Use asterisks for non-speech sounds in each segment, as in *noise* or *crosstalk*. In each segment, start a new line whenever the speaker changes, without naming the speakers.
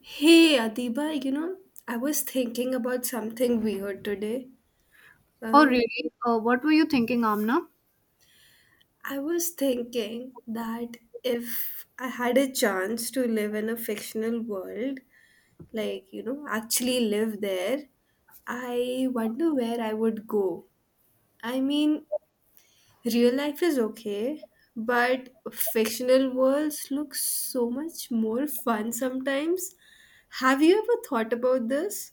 Hey Adiba, you know, I was thinking about something weird today.
Oh,
Um,
really? What were you thinking, Amna?
I was thinking that if I had a chance to live in a fictional world, like, you know, actually live there, I wonder where I would go. I mean, real life is okay, but fictional worlds look so much more fun sometimes. Have you ever thought about this?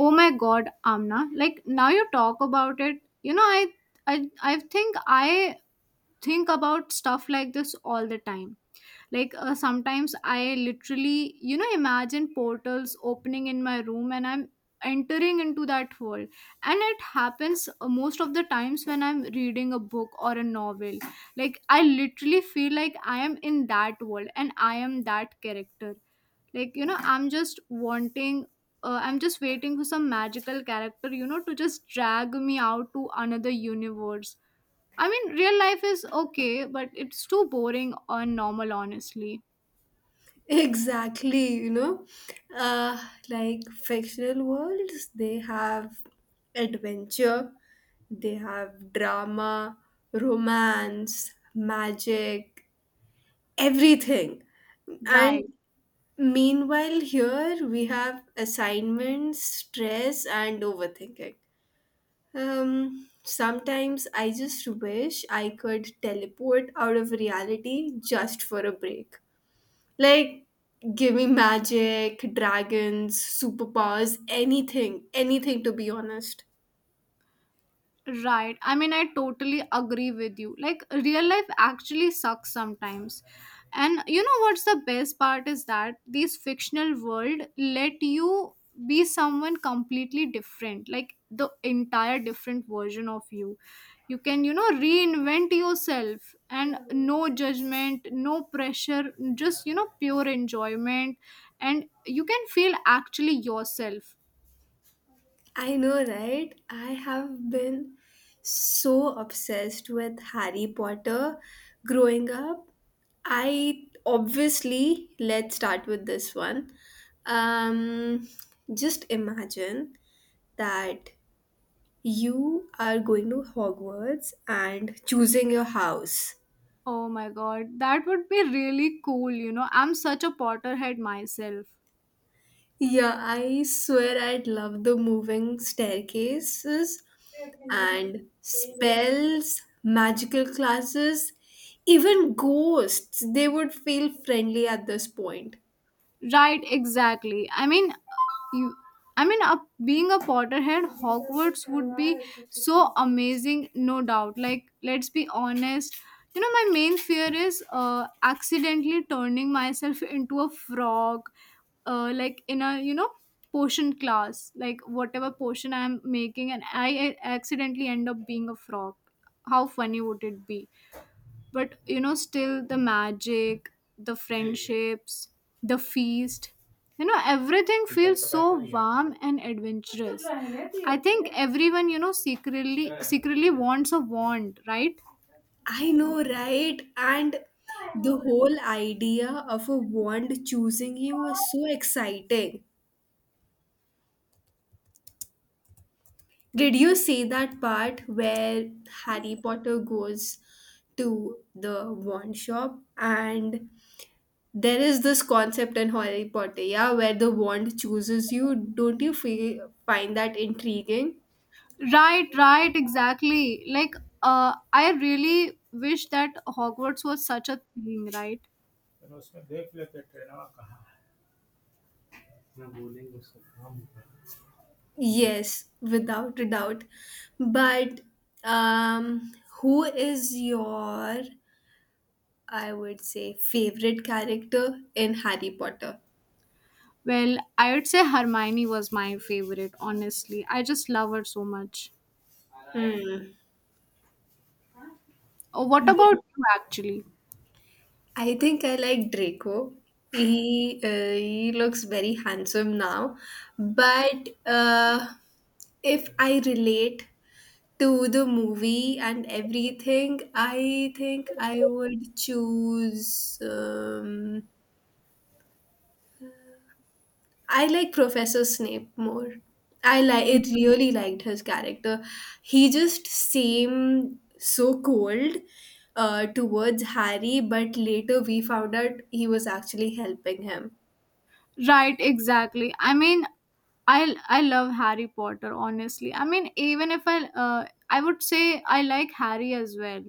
Oh my God, Amna! Like now you talk about it, I think I think about stuff like this all the time, like sometimes I literally, you know, imagine portals opening in my room and I'm entering into that world. And it happens, most of the times when I'm reading a book or a novel. Like I literally feel like I am in that world and I am that character. Like, you know, I'm just waiting for some magical character, you know, to just drag me out to another universe. I mean, real life is okay, but it's too boring and normal, honestly.
Exactly, you know, uh, like fictional worlds, they have adventure, they have drama, romance, magic, everything.
Right.
And meanwhile, here we have assignments, stress, and overthinking. Sometimes I just wish I could teleport out of reality just for a break. Like, give me magic, dragons, superpowers, anything, anything to be honest.
Right. I mean, I totally agree with you. Like, real life actually sucks sometimes. And you know what's the best part is that these fictional world let you be someone completely different, like the entire different version of you. You can, you know, reinvent yourself and no judgment, no pressure, just, you know, pure enjoyment. And you can feel actually yourself.
I know, right? I have been so obsessed with Harry Potter growing up. I obviously, let's start with this one. Um, just imagine that you are going to Hogwarts and choosing your house.
Oh my god, that would be really cool, you know. I'm such a Potterhead myself.
Yeah, I swear I'd love the moving staircases and spells, magical classes, even ghosts. They would feel friendly at this point.
Right, exactly. I mean, you I mean, a, being a Potterhead, Hogwarts would be so amazing, no doubt. Like, let's be honest. You know, my main fear is accidentally turning myself into a frog, like in you know, potion class, like whatever potion I'm making, and I accidentally end up being a frog. How funny would it be? But you know, still the magic, the friendships, the feast, you know, everything feels so warm and adventurous. I think everyone, you know, secretly wants a wand, right
I know, right? And the whole idea of a wand choosing you is so exciting. Did you see that part where Harry Potter goes to the wand shop and there is this concept in Harry Potter, yeah, where the wand chooses you. Don't you feel find that intriguing?
right right, exactly. Like I really wish that Hogwarts was such a thing, right?
Yes, without a doubt. But um, who is your, I would say, favorite character in Harry Potter?
Well, I would say Hermione was my favorite, honestly. I just love her so much.
Hmm.
Oh, what about you actually?
I think I like Draco. He looks very handsome now, but if I relate to the movie and everything, I think I would choose. I like Professor Snape more. I like it. Really liked his character. He just seemed so cold towards Harry, but later we found out he was actually helping him.
Right, exactly. I mean, I love Harry Potter. Honestly, I mean, even if I would say I like Harry as well.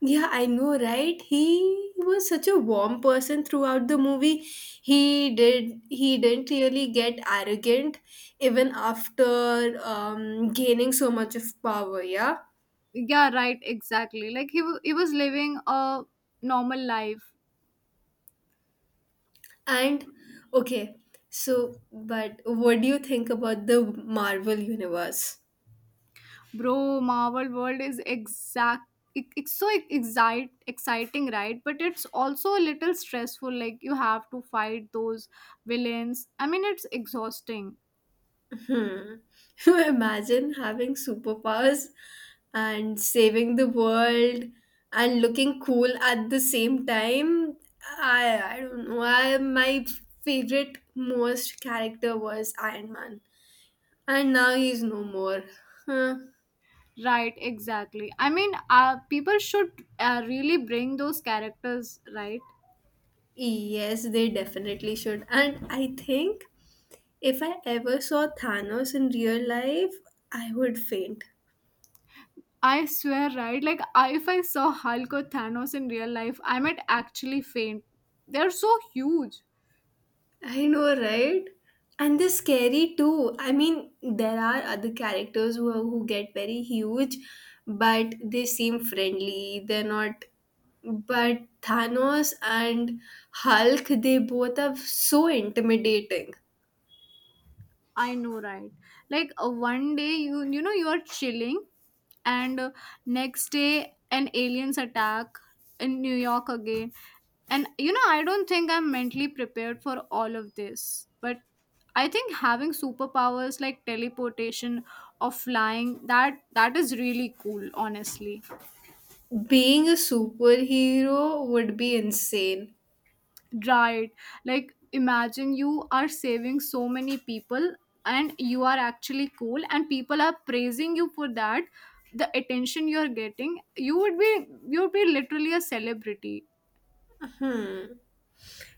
Yeah, I know, right? He was such a warm person throughout the movie. He didn't really get arrogant even after gaining so much of power, yeah?
Yeah, right, exactly. Like he was living a normal life,
And okay, so but what do you think about the Marvel universe?
bro. Marvel world is exact. It's so exciting, right? But it's also a little stressful. Like you have to fight those villains. I mean, it's exhausting.
Hmm. *laughs* Imagine having superpowers and saving the world and looking cool at the same time. I don't know. I my favorite most character was Iron Man, and now he's no more. Huh.
Right, exactly. I mean, people should really bring those characters, right?
Yes, they definitely should. And I think if I ever saw Thanos in real life, I would faint.
I swear, right? Like, if I saw Hulk or Thanos in real life, I might actually faint. They're so huge.
I know, right? And they're scary too. I mean, there are other characters who are, who get very huge, but they seem friendly. They're not. But Thanos and Hulk, they both are so intimidating.
I know, right? Like 1 day you know you are chilling, and next day an aliens attack in New York again, and you know, I don't think I'm mentally prepared for all of this. But I think having superpowers like teleportation or flying, that is really cool, honestly.
Being a superhero would be insane.
Right. Like, imagine you are saving so many people and you are actually cool, and people are praising you for that. The attention you are getting, you would be literally a celebrity.
Hmm.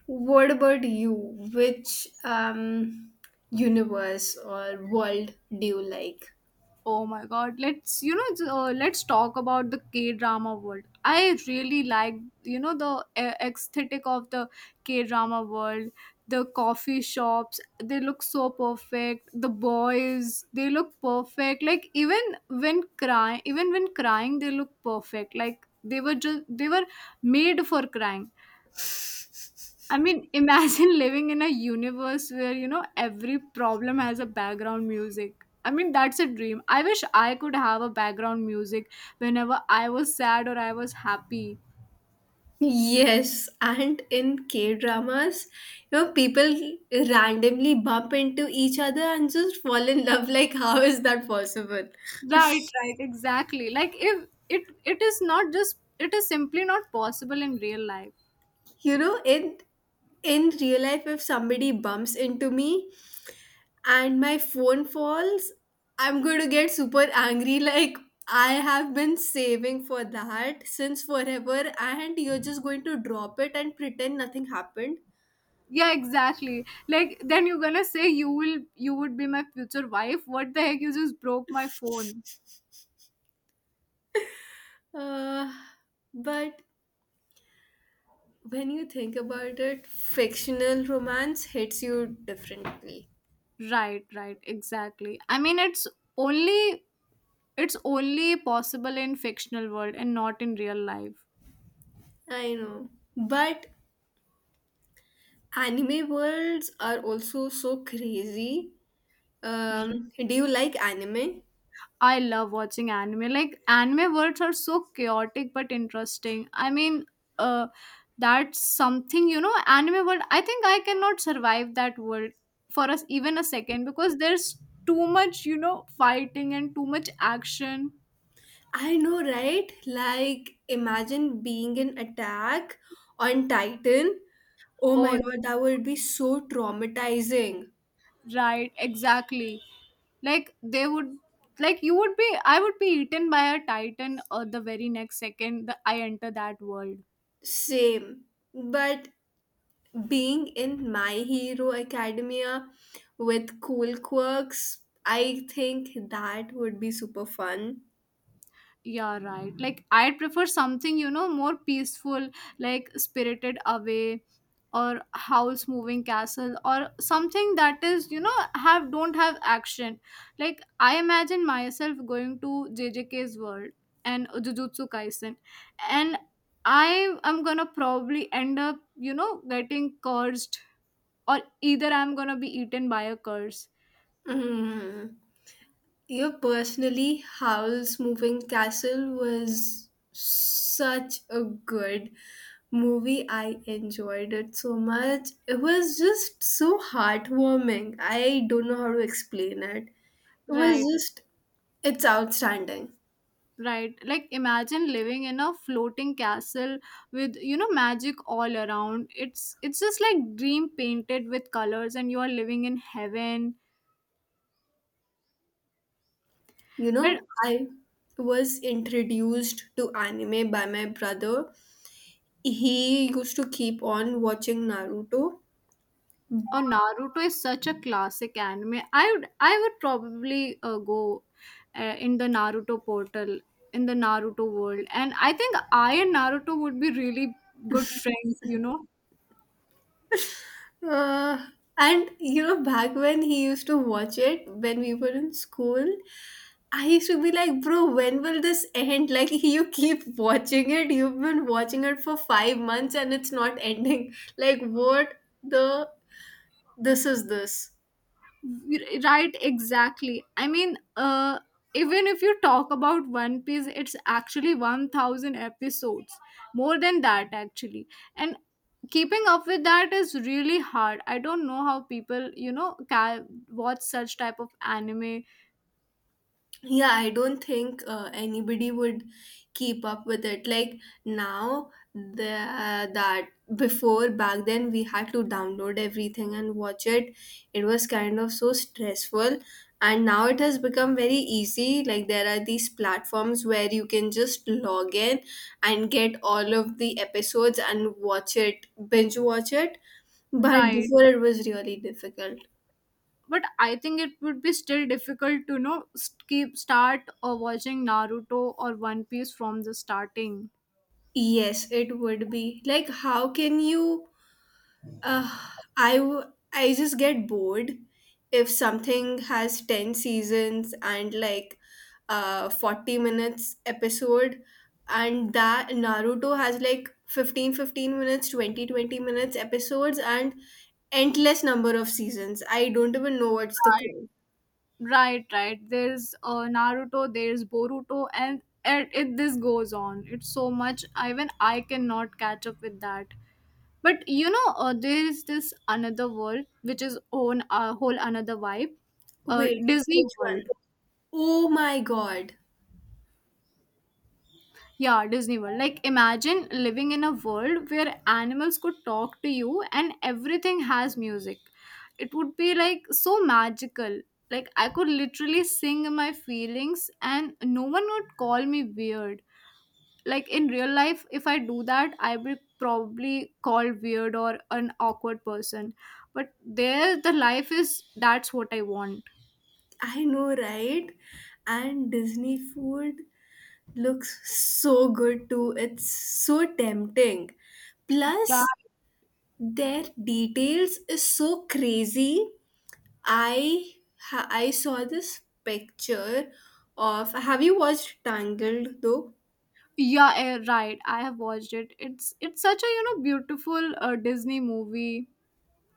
What about you? Which universe or world do you like?
Oh my god, let's you know j- let's talk about the K drama world. I really like, you know, the aesthetic of the K drama world. The coffee shops, they look so perfect. The boys, they look perfect. Like even when crying, they look perfect. Like they were made for crying. I mean, imagine *laughs* living in a universe where, you know, every problem has a background music. I mean, that's a dream. I wish I could have a background music whenever I was sad or I was happy.
Yes, and in K dramas, you know, people randomly bump into each other and just fall in love. *laughs* Like, how is that possible?
Right, right, exactly. Like if it is not just, it is simply not possible in real life.
You know, in real life, if somebody bumps into me and my phone falls, I'm going to get super angry. *laughs* Like, I have been saving for that since forever, and you're just going to drop it and pretend nothing happened.
Yeah, exactly. Like then you're gonna say you would be my future wife. What the heck? You just broke my phone.
Uh, but when you think about it, fictional romance hits you differently.
Right, right, exactly. I mean, it's only It's only possible in fictional world and not in real life.
I know. But anime worlds are also so crazy. Do you like anime?
I love watching anime. Like anime worlds are so chaotic but interesting. I mean, uh, that's something you know. Anime world. I think I cannot survive that world for us even a second because there's too much, you know, fighting and too much action.
I know, right? Like, imagine being in Attack on Titan. Oh
Oh,
my god, that would be so traumatizing.
right, exactly. Like they would like you would be, I would be eaten by a titan or the very next second that I enter that world.
Same. But being in My Hero Academia with cool quirks, I think that would be super fun.
Yeah, right. Like I'd prefer something, you know, more peaceful, like Spirited Away or Howl's Moving Castle or something that is, you know, have don't have action. Like I imagine myself going to JJK's world and Jujutsu Kaisen, and I am gonna probably end up, you know, getting cursed or either I'm gonna be eaten by a curse.
Mm. Your personally Howl's Moving Castle was such a good movie. I enjoyed it so much. It was just so heartwarming. I don't know how to explain it. It was
Right.
just, it's outstanding.
Right. Like imagine living in a floating castle with, you know, magic all around. It's just like dream painted with colors and you are living in heaven.
You
But
know, I was introduced to anime by my brother. He used to keep on watching Naruto.
oh, Naruto is such a classic anime. I would probably go in the Naruto portal, in the Naruto world. And I think I and Naruto would be really good friends, you know.
Uh, and you know, back when he used to watch it when we were in school, I used to be like, bro, when will this end? *laughs* Like, you keep watching it. You've been watching it for 5 months and it's not ending. *laughs* Like, what the? This is this.
Right, exactly. I mean, even if you talk about one piece, it's actually 1,000 episodes, more than that actually. And keeping up with that is really hard. I don't know how people, you know, can watch such type of anime.
Yeah, I don't think anybody would keep up with it like now the that before back then we had to download everything and watch it. It was kind of so stressful, and now it has become very easy. Like there are these platforms where you can just log in and get all of the episodes and watch it, binge watch it. But
Right,
before it was really difficult.
but I think it would be still difficult to, you know, keep start or watching Naruto or one piece from the starting.
Yes, it would be like how can you. Uh, I just get bored if something has 10 seasons and like 40 minutes episode, and that Naruto has like fifteen minutes, twenty minutes episodes and endless number of seasons. I don't even know what's the count.
Right, right. There's Naruto, there's Boruto, and it this goes on. It's so much. Even I cannot catch up with that. But you know, there is this another world which is own a whole another vibe. Uh,
Wait,
Disney
which one?
World.
Oh my god.
Yeah, Disney World. Like, imagine living in a world where animals could talk to you and everything has music. It would be like so magical. Like, I could literally sing my feelings and no one would call me weird. Like, in real life, if I do that, I will probably called weird or an awkward person. But there, the life is that's what I want.
I know, right? And Disney food looks so good too. It's so tempting.
Ra-
Plus, their details is so crazy. I I saw this picture of. Have you watched Tangled though?
Yeah, eh, right. I have watched it. It's such a you know beautiful Disney movie.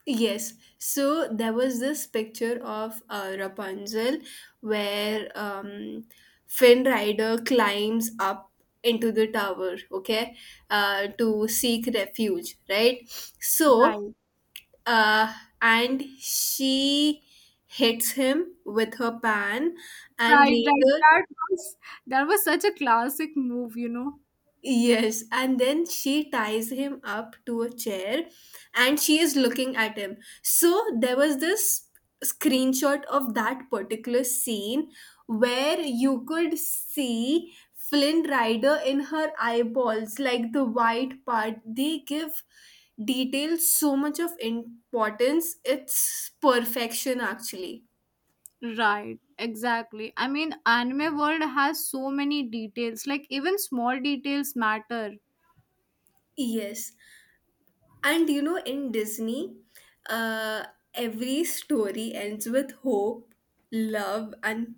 Yes. So there was this picture of Rapunzel where Finn Rider climbs up into the tower. Okay, to seek refuge. Right. So
Right,
uh, and she hits him with her pan and
right, right.
later
That was such a classic move, you know.
yes and then she ties him up to a chair and she is looking at him. So there was this screenshot of that particular scene where you could see Flynn Rider in her eyeballs, like the white part. They give detail so much of importance. It's perfection actually.
Right, exactly. I mean, anime world has so many details. Like even small details matter.
Yes. And you know, in Disney, uh, every story ends with hope, love, and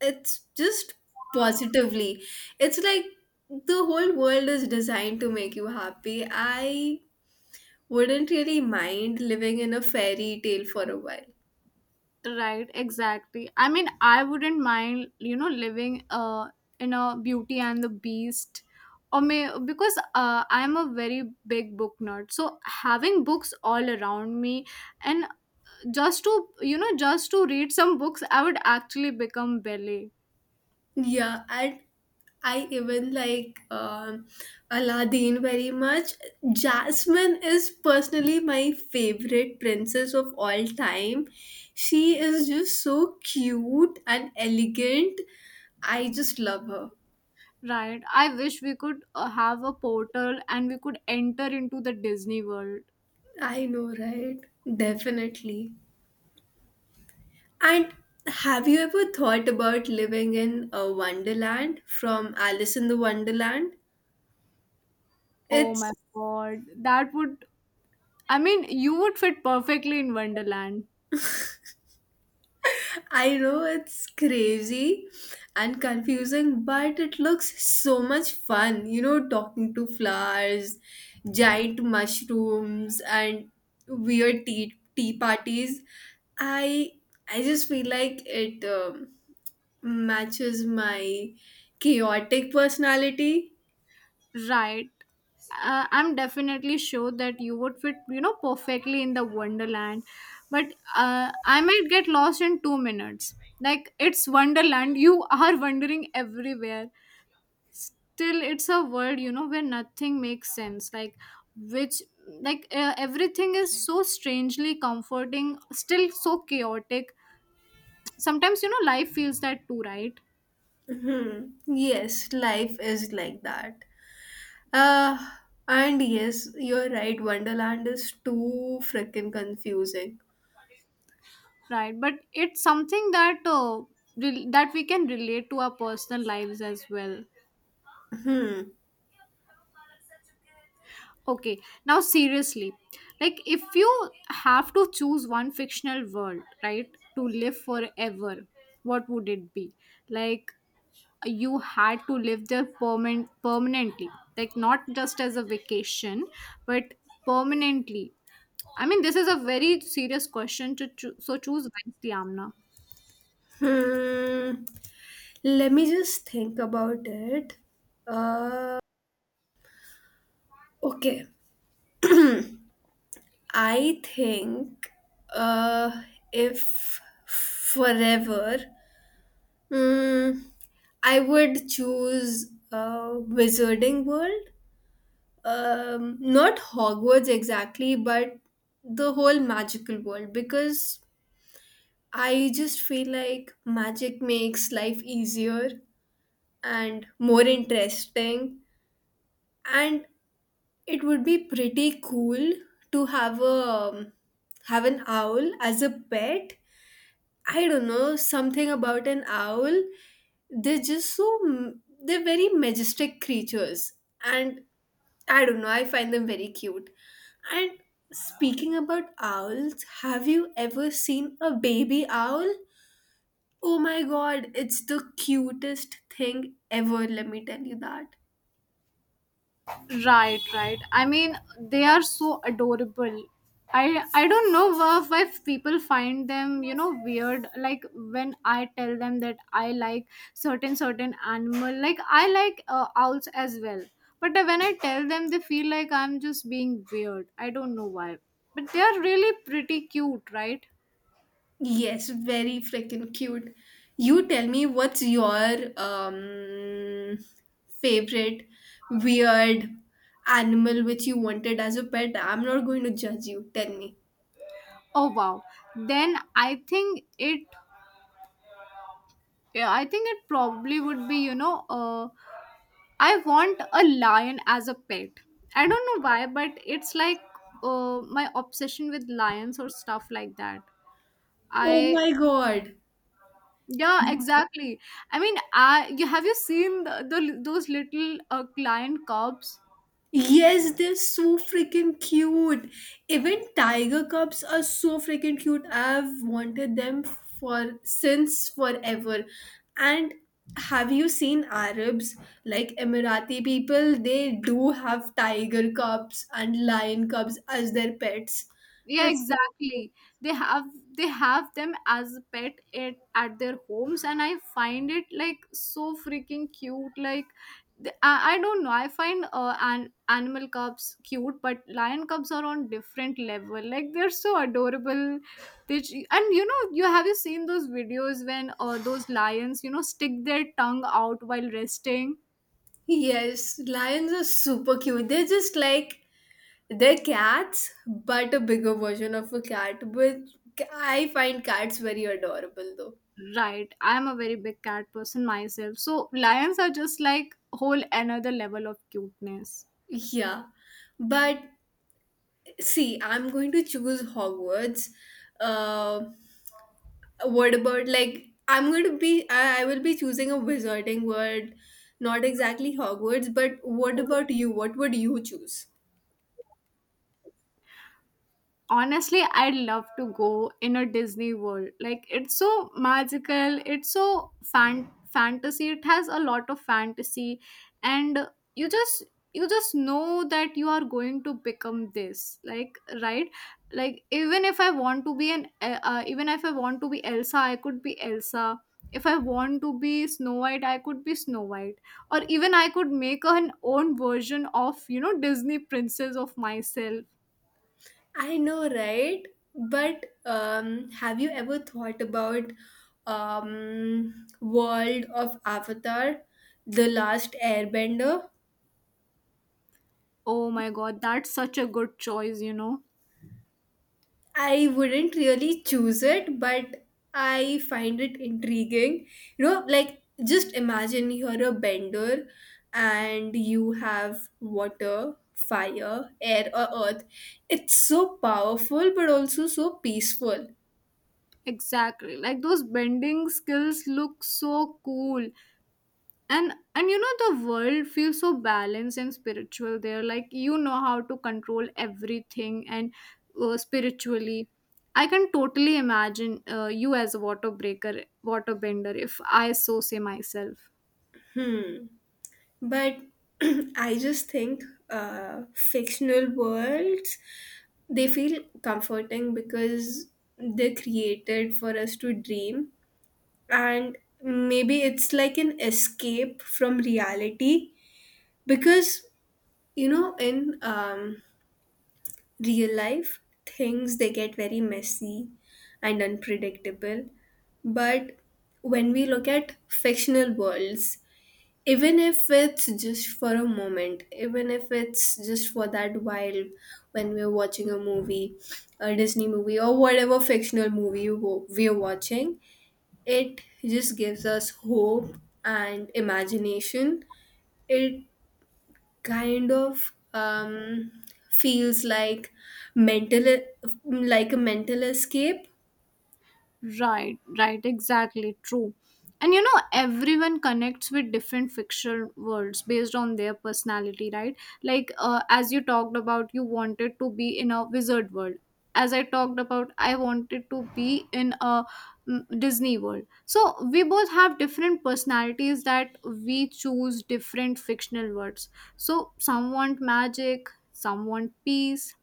it's just positively. It's like the whole world is designed to make you happy. I wouldn't really mind living in a fairy tale for a while.
Right, exactly. I mean, I wouldn't mind, you know, living in a Beauty and the Beast, or may because I'm a very big book nerd. So having books all around me, and just to you know, just to read some books, I would actually become Belle.
Yeah, and I even like Aladdin very much. Jasmine is personally my favorite princess of all time. She is just so cute and elegant. I just love her.
Right. I wish we could have a portal and we could enter into the Disney World.
I know, right? Definitely. And have you ever thought about living in a wonderland from Alice in the Wonderland?
Oh my
It's
God. That would, I mean, you would fit perfectly in Wonderland.
I know it's crazy and confusing, but it looks so much fun, you know, talking to flowers, giant mushrooms, and weird tea parties. I I just feel like it matches my chaotic personality.
Right. I'm definitely sure that you would fit, you know, perfectly in the Wonderland. But I might get lost in 2 minutes. Like, it's Wonderland. You are wandering everywhere. Still it's a world, you know, where nothing makes sense. Like which like uh, everything is so strangely comforting, still so chaotic. Sometimes you know life feels that too, right?
Mhm. Yes, life is like that. Uh, and yes, you're right, Wonderland is too freaking confusing.
Right, but it's something that that we can relate to our personal lives as well.
Hmm.
Okay, now seriously, like if you have to choose one fictional world, right, to live forever, what would it be? Like you had to live there permanently, like not just as a vacation, but permanently. I mean, this is a very serious question to choose. So choose wisely, Amna.
Hmm. Let me just think about it. Uh, okay. *clears throat* I think uh, if forever, mm, I would choose uh, Wizarding World. Not Hogwarts exactly, but the whole magical world because I just feel like magic makes life easier and more interesting, and it would be pretty cool to have an owl as a pet. I don't know, something about an owl. They're just so m- they're very majestic creatures. And I don't know, I find them very cute. And speaking about owls, have you ever seen a baby owl? Oh my god, it's the cutest thing ever, let me tell you that.
Right, right. I mean, they are so adorable. I don't know why people find them, you know, weird. Like when I tell them that I like certain animal, like I like owls as well. But when I tell them, they feel like I'm just being weird. I don't know why. But they are really pretty cute, right?
Yes, very freaking cute. You tell me what's your favorite weird animal which you wanted as a pet. I'm not going to judge you. Tell me.
Oh wow. Then I think it Yeah, I think it probably would be, you know, I want a lion as a pet. I don't know why, but it's like my obsession with lions or stuff like that.
Oh
I
my god.
Yeah, exactly. I mean, I you have, you seen the those little lion cubs?
Yes, they're so freaking cute. Even tiger cubs are so freaking cute. I've wanted them for since forever. And have you seen Arabs like Emirati people? They do have tiger cubs and lion cubs as their pets.
Yeah,
That's
exactly. they have they have them as a pet at their homes and I find it like so freaking cute. Like I don't know, I find an animal cubs cute, but lion cubs are on different level, like they're so adorable. And you know, you seen those videos when those lions you know stick their tongue out while resting.
yes, lions are super cute. They're just like they're cats, but a bigger version of a cat. But I find cats very adorable though.
Right. I'm a very big cat person myself. So lions are just like whole another level of cuteness.
Yeah, but see, I'm going to choose Hogwarts. Uh, what about like I'm going to be I will be choosing a wizarding world, not exactly Hogwarts, but what about you? What would you choose?
Honestly, I'd love to go in a Disney world. Like, it's so magical, it's so fantasy, it has a lot of fantasy. And you just, you just know that you are going to become this, like, right, like, even if I want to be an even if I want to be Elsa, I could be Elsa. If I want to be Snow White, I could be Snow White. Or even I could make an own version of, you know, Disney princess of myself.
I know, right? But have you ever thought about world of Avatar, The Last Airbender?
Oh my god, that's such a good choice, you know.
I wouldn't really choose it, but I find it intriguing. You know, like just imagine you're a bender and you have water, fire, air, or earth. It's so powerful, but also so peaceful.
Exactly. Like, those bending skills look so cool. And you know, the world feels so balanced and spiritual there. Like, you know how to control everything and spiritually. I can totally imagine you as a water bender, if I so say myself.
Hmm. But *clears throat* I just think fictional worlds they feel comforting because they're created for us to dream, and maybe it's like an escape from reality because you know in real life things they get very messy and unpredictable. But when we look at fictional worlds, even if it's just for a moment, even if it's just for that while, when we're watching a movie, a Disney movie or whatever fictional movie we're watching, it just gives us hope and imagination. It kind of feels like mental, like a mental escape.
Right, right, exactly, true. And you know, everyone connects with different fictional worlds based on their personality, right? Like, as you talked about, you wanted to be in a wizard world. As I talked about, I wanted to be in a Disney world. So we both have different personalities, that we choose different fictional worlds. So some want magic, some want peace,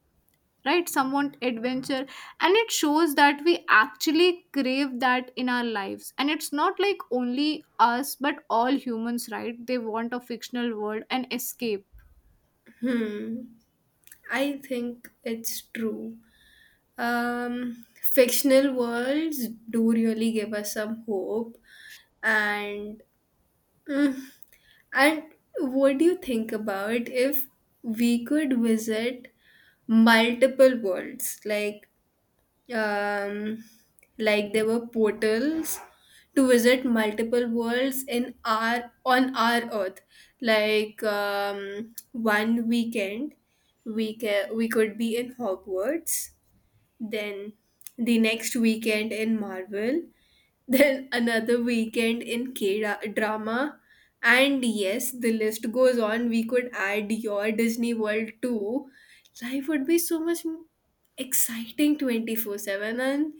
right, somewhat adventure, and it shows that we actually crave that in our lives. And it's not like only us, but all humans, right? They want a fictional world and escape.
Hmm. I think it's true. Fictional worlds do really give us some hope, and mm, and what do you think about if we could visit multiple worlds um, like there were portals to visit multiple worlds in our on our earth, like one weekend we could be in Hogwarts, then the next weekend in Marvel, then another weekend in K drama. And yes, the list goes on. We could add your Disney World too. Life would be so much exciting 24/7, and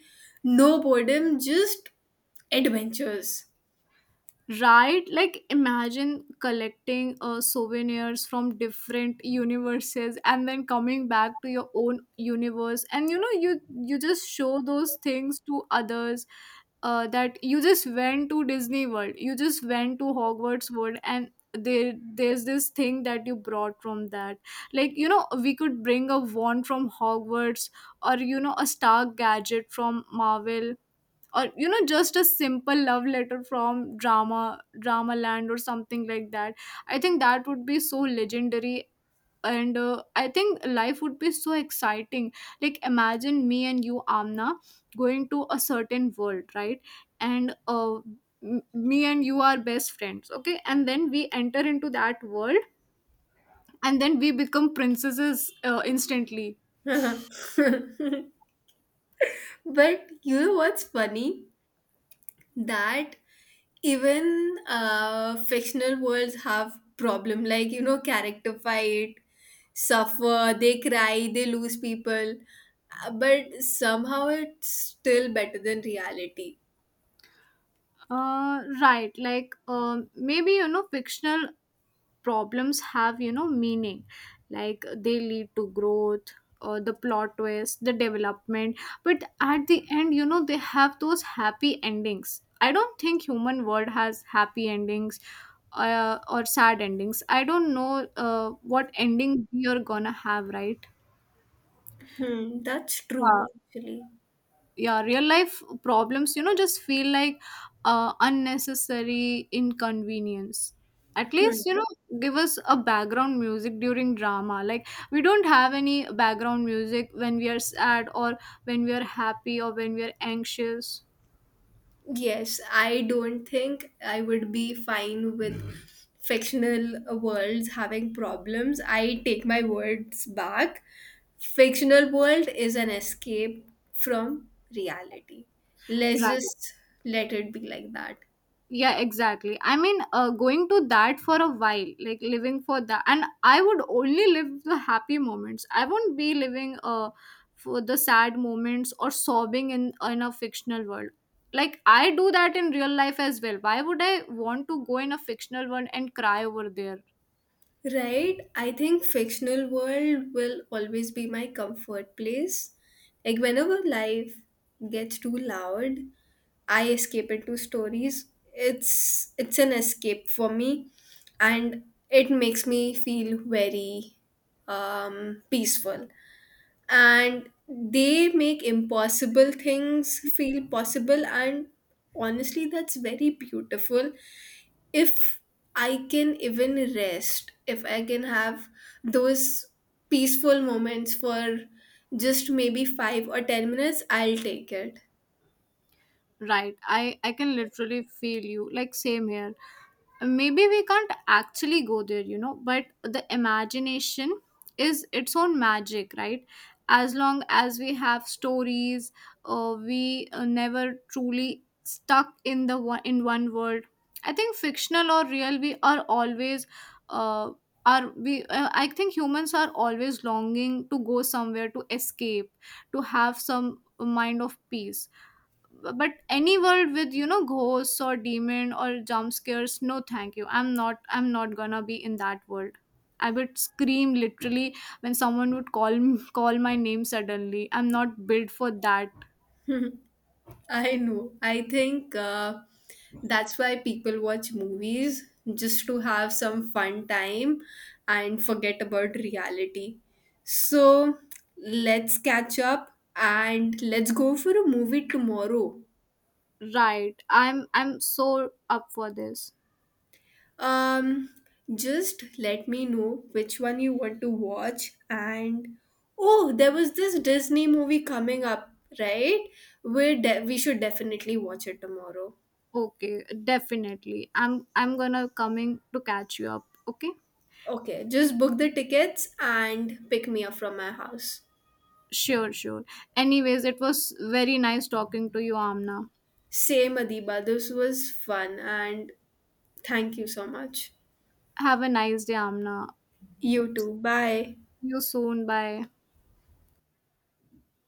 no boredom, just adventures.
Right? Like, imagine collecting souvenirs from different universes and then coming back to your own universe. And you know, you just show those things to others, that you just went to Disney World, you just went to Hogwarts World, and there's this thing that you brought from that. Like, you know, we could bring a wand from Hogwarts, or you know, a star gadget from Marvel, or you know, just a simple love letter from drama land or something like that. I think that would be so legendary. And I think life would be so exciting. Like, imagine me and you, Amna, going to a certain world, right? And me and you are best friends, okay, and then we enter into that world, and then we become princesses instantly.
*laughs* But you know what's funny? That even fictional worlds have problem, like, you know, character fight, suffer, they cry, they lose people. But somehow it's still better than reality.
Right, like, maybe, you know, fictional problems have, you know, meaning. Like, they lead to growth, or the plot twist, the development. But at the end, you know, they have those happy endings. I don't think human world has happy endings, or sad endings. I don't know what ending you're gonna have, right?
Hmm, that's true actually.
Yeah, real life problems, you know, just feel like unnecessary inconvenience. At least, you know, give us a background music during drama. Like, we don't have any background music when we are sad, or when we are happy, or when we are anxious.
Yes, I don't think I would be fine with fictional worlds having problems. I take my words back. Fictional world is an escape from reality. Let's
Right.
just let it be like that.
Yeah, exactly. I mean, going to that for a while, like living for that, and I would only live the happy moments. I won't be living for the sad moments or sobbing in a fictional world. Like, I do that in real life as well. Why would I want to go in a fictional world and cry over there?
Right? I think fictional world will always be my comfort place. Like whenever life gets too loud, I escape into stories. It's an escape for me, and it makes me feel very peaceful. And they make impossible things feel possible, and honestly that's very beautiful. If I can even rest, if I can have those peaceful moments for just maybe 5 or 10 minutes, I'll take it.
Right. I can literally feel you. Like, same here. Maybe we can't actually go there, you know, but the imagination is its own magic, right? As long as we have stories, we never truly stuck in the one in one world. I think fictional or real, we are always uh, are we I think humans are always longing to go somewhere, to escape, to have some mind of peace. But any world with, you know, ghosts or demon or jump scares, no thank you. I'm not gonna be in that world. I would scream literally when someone would *laughs* call my name suddenly. I'm not built for that.
*laughs* I know. I think that's why people watch movies just to have some fun time and forget about reality. So let's catch up and let's go for a movie tomorrow.
Right. I'm so up for this.
Um, just let me know which one you want to watch. And oh, there was this Disney movie coming up, right? We should definitely watch it tomorrow.
Okay, definitely. I'm gonna coming to catch you up, okay.
Okay, just book the tickets and pick me up from my house.
Sure. Anyways, it was very nice talking to you, Amna.
Same, Adiba. This was fun, and thank you so much.
Have a nice day, Amna.
You too. Bye.
See you soon. Bye.